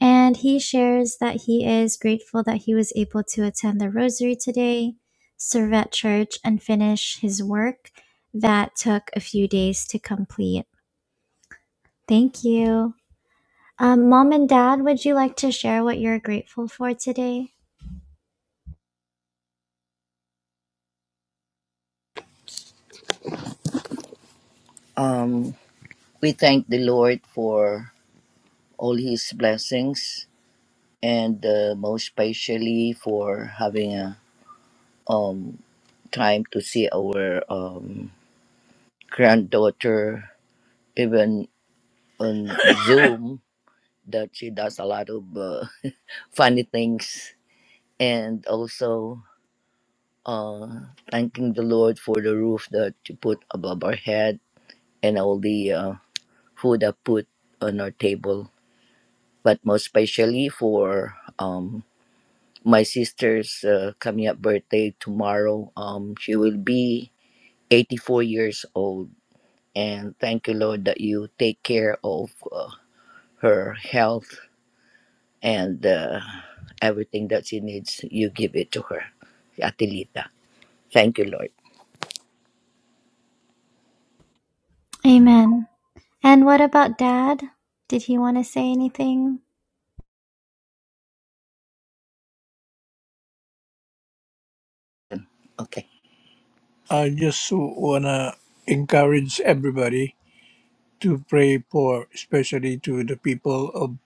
And he shares that he is grateful that he was able to attend the rosary today, serve at church, and finish his work that took a few days to complete. Thank you. Um, Mom and Dad, would you like to share what you're grateful for today?
Um, we thank the Lord for all His blessings, and uh, most especially for having a um, time to see our um, granddaughter, even on [laughs] Zoom, that she does a lot of uh, funny things, and also. uh, thanking the Lord for the roof that you put above our head and all the uh, food that put on our table, but most especially for um, my sister's uh, coming up birthday tomorrow. Um, she will be 84 years old, and thank you, Lord, that you take care of uh, her health and uh, everything that she needs. You give it to her, Atelita. Thank you, Lord.
Amen. And what about Dad? Did he want to say anything?
Okay. I just wanna encourage everybody to pray for, especially to the people of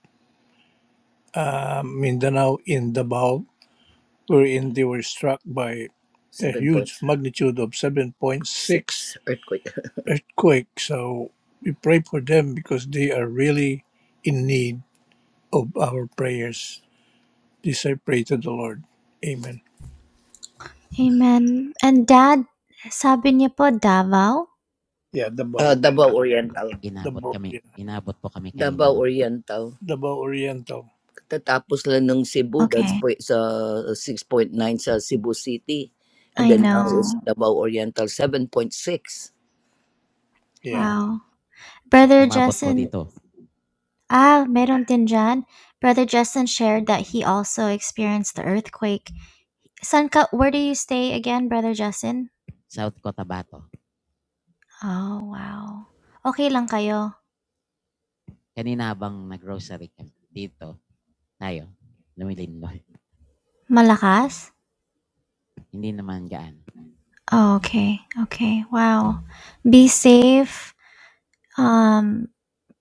uh, Mindanao in Davao, wherein they were struck by a Seven huge 7.6 magnitude of 7.6 earthquake. [laughs] earthquake. So we pray for them because they are really in need of our prayers. This I pray to the Lord. Amen.
Amen. And Dad, sabi niya po Davao?
Yeah, Uh, Davao. Uh, Davao Oriental. The
Inabot
Lord.
kami inabot po kami kanina
Davao
no'n.
Oriental. Davao Oriental. Katatapos lang ng Cebu, that's
Okay.
po, sa 6.9 sa Cebu City. And
I
then now it's
know.
Davao Oriental, 7.6. Yeah.
Wow. Brother
Umabot po
Justin,
dito,
Ah, meron din dyan. Brother Justin shared that he also experienced the earthquake. San ka, where do you stay again, Brother Justin?
South Cotabato.
Oh, wow. Okay lang kayo?
Kanina habang nag-grocery kami dito, tayo, lumilingon.
Malakas?
Hindi naman gaano.
Oh, okay. Okay. Wow. Be safe. Um,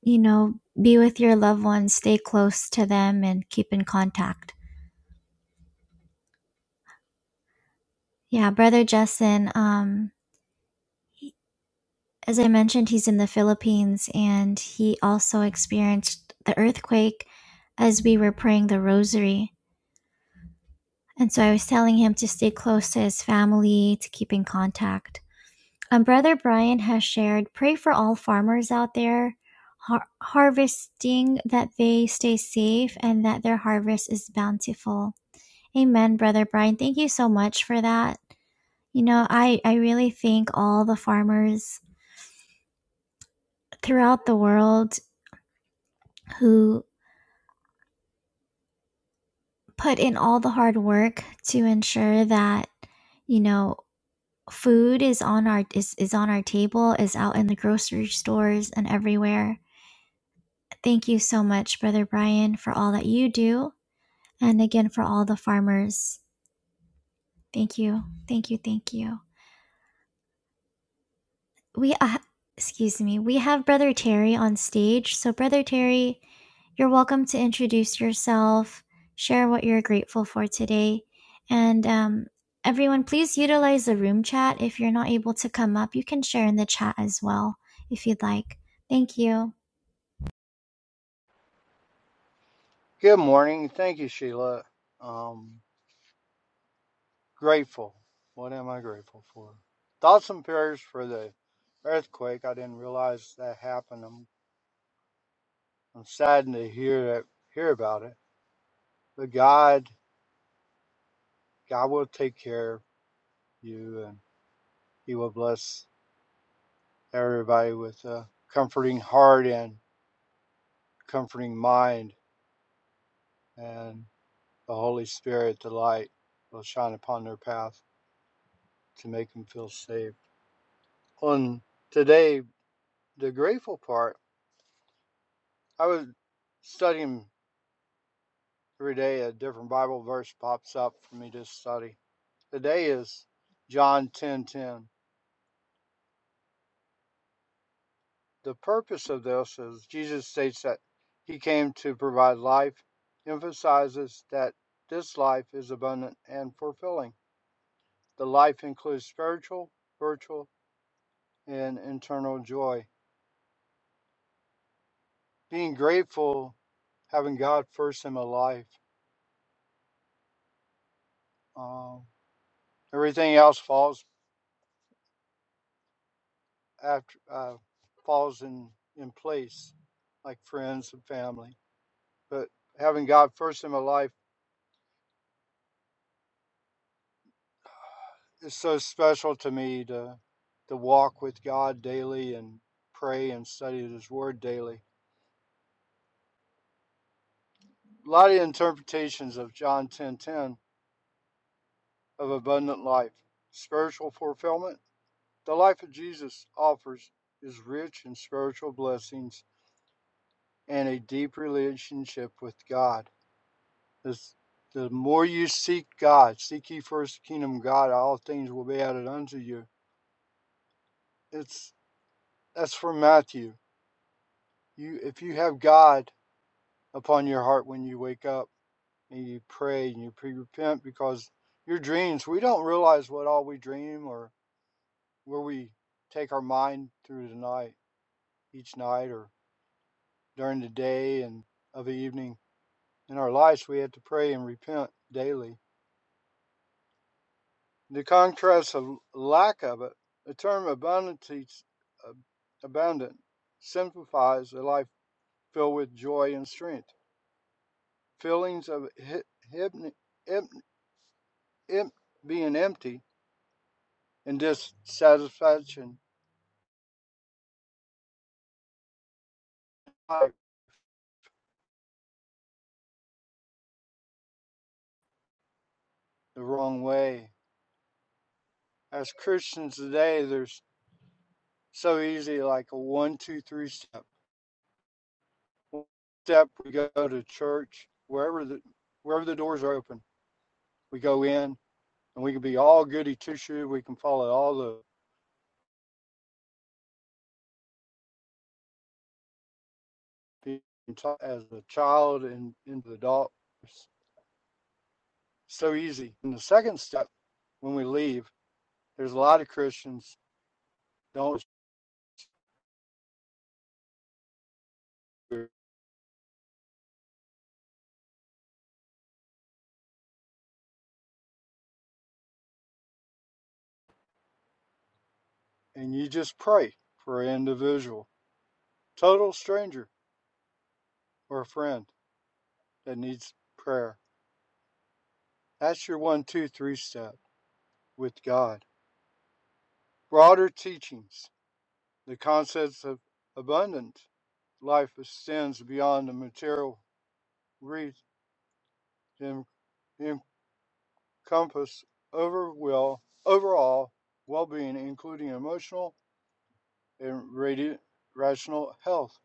you know, be with your loved ones, stay close to them and keep in contact. Yeah, Brother Justin, um as I mentioned, he's in the Philippines and he also experienced the earthquake as we were praying the rosary. And so I was telling him to stay close to his family, to keep in contact. Um, Brother Brian has shared pray for all farmers out there har- harvesting that they stay safe and that their harvest is bountiful. Amen, Brother Brian. Thank you so much for that. You know, I, I really thank all the farmers throughout the world who put in all the hard work to ensure that you know food is on our is, is on our table is out in the grocery stores and everywhere thank you so much brother brian for all that you do and again for all the farmers thank you thank you thank you we uh, excuse me we have brother terry on stage so brother terry you're welcome to introduce yourself share what you're grateful for today and um, everyone please utilize the room chat if you're not able to come up you can share in the chat as well if you'd like thank you
Good morning. Thank you, Sheila. Um, grateful. What am I grateful for? Thoughts and prayers for the earthquake. I didn't realize that happened. I'm, I'm saddened to hear that, hear about it. But God, God will take care of you, and He will bless everybody with a comforting heart and comforting mind, and the Holy Spirit, the light, will shine upon their path to make them feel safe. On today, the grateful part. I was studying every day, a different Bible verse pops up for me to study. Today is John 10:10. The purpose of this is Jesus states that he came to provide life, emphasizes that this life is abundant and fulfilling. The life includes spiritual, virtual, and internal joy. Being grateful, having God first in my life. Um, everything else falls after uh, falls in in place, like friends and family. But having God first in my life is so special to me to to walk with God daily and pray and study His Word daily. A lot of interpretations of John ten ten of abundant life, spiritual fulfillment. The life of Jesus offers is rich in spiritual blessings and a deep relationship with God. This, the more you seek God, seek ye first the kingdom of God, all things will be added unto you. It's that's from Matthew. You if you have God upon your heart when you wake up and you pray and you pre repent because your dreams we don't realize what all we dream or where we take our mind through the night each night or during the day and of the evening in our lives we have to pray and repent daily In The contrast of lack of it, the term "abundance," abundant simplifies a life filled with joy and strength. Feelings of hi- hip- em- em- being empty and dissatisfaction right the wrong way. As Christians today, there's so easy like a one, two, three step. One step we go to church, wherever the wherever the doors are open, we go in and we can be all goody two shoe. We can follow all the as a child and into the adult. It's so easy. And the second step, when we leave, there's a lot of Christians don't, and you just pray for an individual, total stranger or a friend that needs prayer. That's your one, two, three step with God. Broader teachings, the concepts of abundant life extends beyond the material reach and compass over will, overall well being, including emotional and radi- rational health.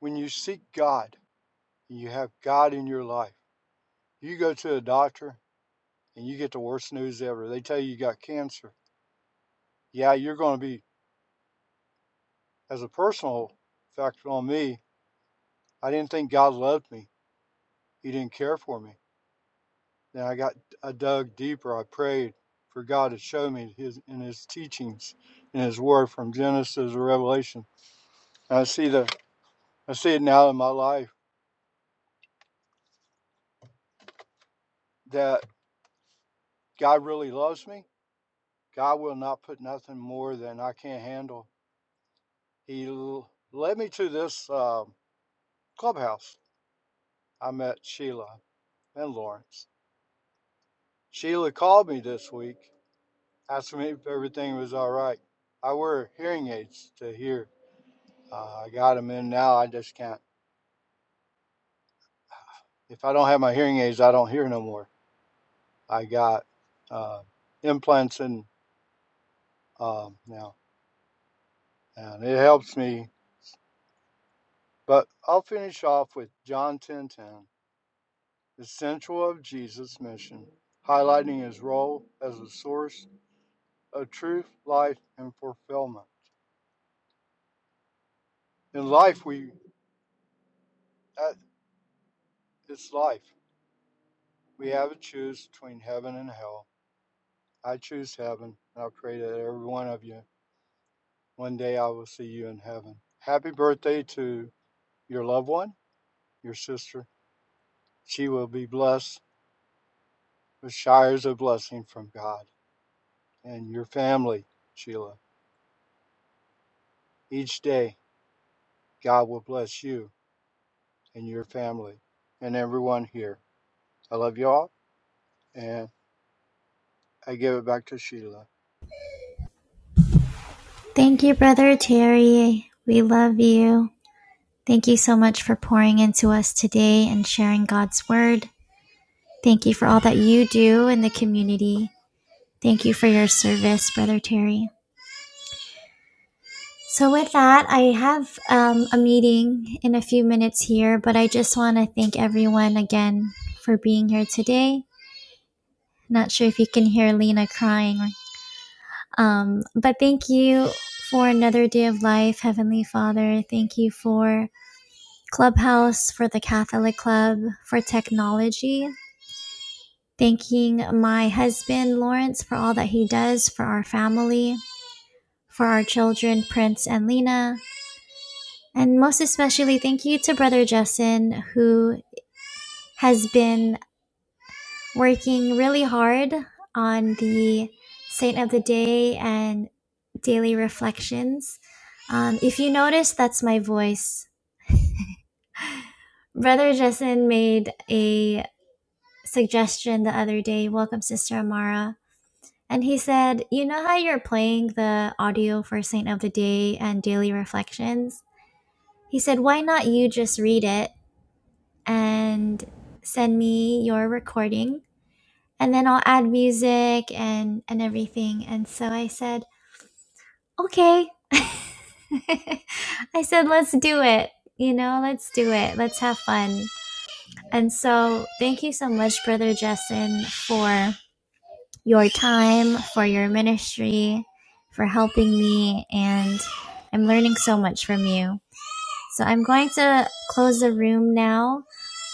When you seek God and you have God in your life, you go to a doctor and you get the worst news ever. They tell you you got cancer. Yeah, you're going to be, as a personal factor on me, I didn't think God loved me. He didn't care for me. Then I got, I dug deeper. I prayed for God to show me His in His teachings, in His Word from Genesis to Revelation. And I see the I see it now in my life that God really loves me. God will not put nothing more than I can't handle. He l- led me to this um clubhouse. I met Sheila and Lawrence. Sheila called me this week, asking me if everything was all right. I wear hearing aids to hear. Uh, I got them in now. I just can't. If I don't have my hearing aids, I don't hear no more. I got uh, implants in um, now, and it helps me But I'll finish off with John 10:10, the central of Jesus' mission, highlighting his role as a source of truth, life, and fulfillment. In life, we at it's life. We have to choose between heaven and hell. I choose heaven, and I pray that every one of you one day I will see you in heaven. Happy birthday to your loved one, your sister. She will be blessed with showers of blessing from God and your family, Sheila, each day God will bless you and your family and everyone here. I love y'all, and I give it back to Sheila.
thank you brother terry we love you thank you so much for pouring into us today and sharing god's word thank you for all that you do in the community Thank you for your service, Brother Terry. So, with that, I have um, a meeting in a few minutes here, but I just want to thank everyone again for being here today. Not sure if you can hear Lena crying, um, but thank you for another day of life, Heavenly Father. Thank you for Clubhouse, for the Catholic Club, for technology. Thanking my husband, Lawrence, for all that he does for our family, for our children, Prince and Lena And most especially, thank you to Brother Justin, who has been working really hard on the Saint of the Day and daily reflections. Um, if you notice, that's my voice. Brother Justin made a suggestion the other day Welcome, Sister Amara. And he said, You know how you're playing the audio for Saint of the Day and daily reflections? He said, Why not you just read it? and send me your recording and then I'll add music and and everything. And so I said, "Okay." [laughs] I said, "Let's do it." You know, let's do it. Let's have fun. And so, thank you so much, Brother Justin, for your time, for your ministry, for helping me, and I'm learning so much from you. So, I'm going to close the room now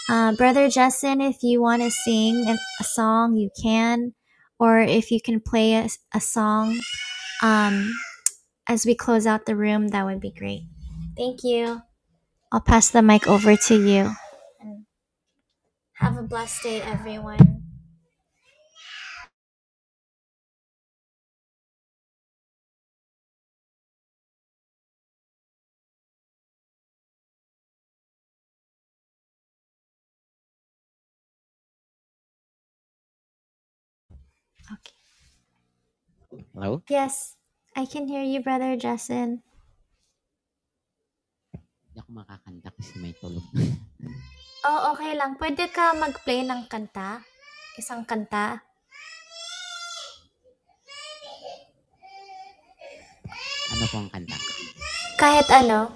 Uh, Brother Justin, if you want to sing an, a song, you can, or if you can play a, a song um, as we close out the room, that would be great. Thank you. I'll pass the mic over to you. And have a blessed day, everyone. Okay.
Hello?
Yes, I can hear you, Brother Justin.
Hindi ako makakanta kasi may tulog. [laughs]
Oh, okay lang. Pwede ka mag-play ng kanta? Isang kanta?
Ano pong kanta?
Kahit ano?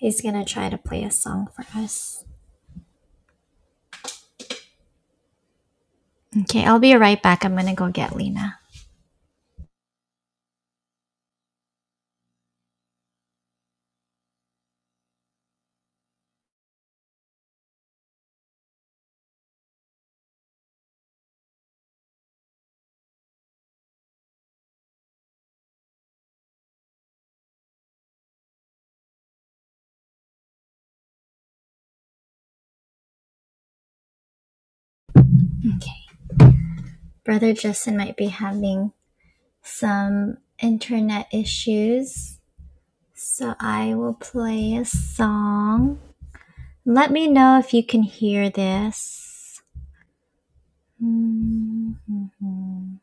He's gonna try to play a song for us. Okay, I'll be right back. I'm gonna go get Lena. Okay. Brother Justin might be having some internet issues, so I will play a song. Let me know if you can hear this. Mhm.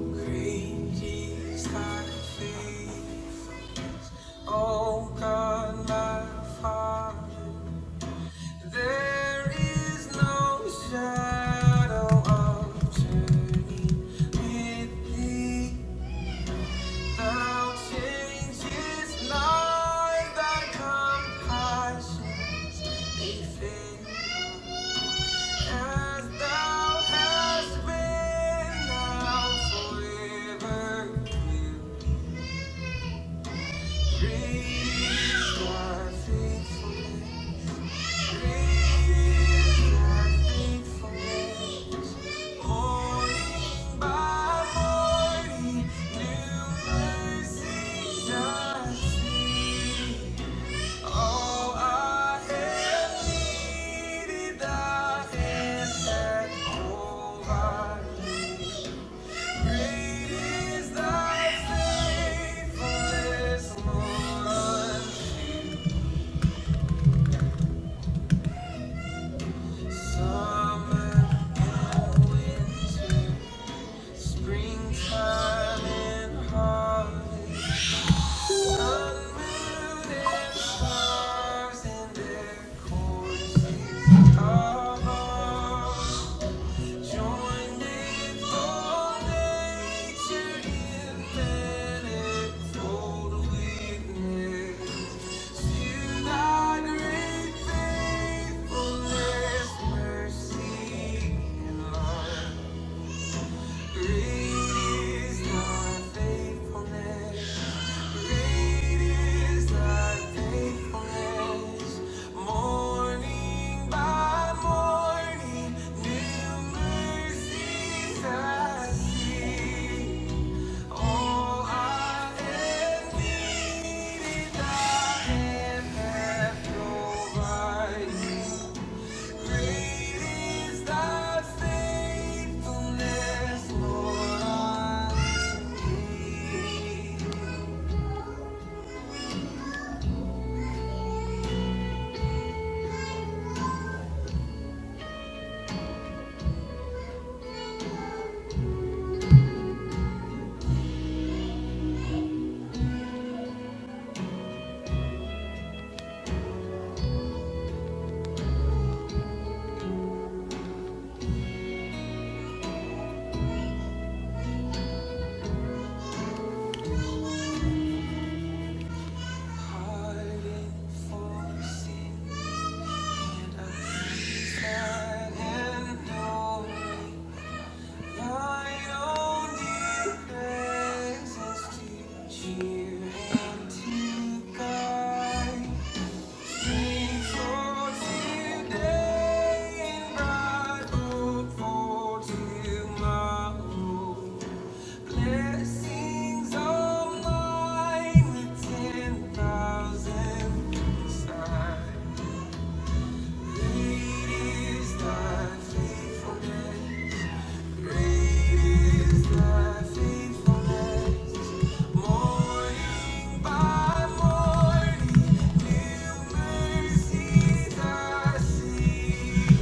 Great God, my Father. There is no shadow of turning with thee. Now change is not that compassion may as thou hast been now forever. You reach my faithfulness. Summer and winter. Springtime in harvest, sun, moon, and stars in their courses of art. Joined in all nature in manifold witness to thy great faithfulness, mercy, and love. Thank you. Tomorrow Blessings on mine with 10,000 signs. Great is thy faithfulness. Great is thy faithfulness. Morning by morning, new mercies I see.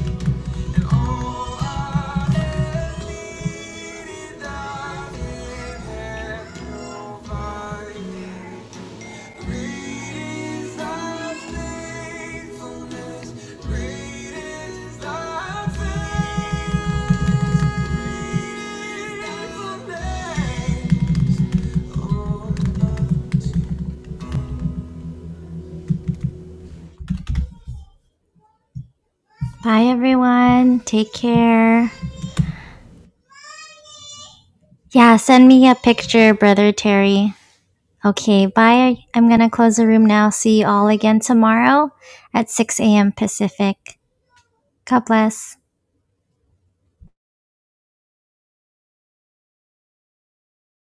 Bye, everyone. Take care. Yeah, send me a picture, Brother Terry. Okay, bye. I'm going to close the room now. See you all again tomorrow at 6 a.m. Pacific. God bless.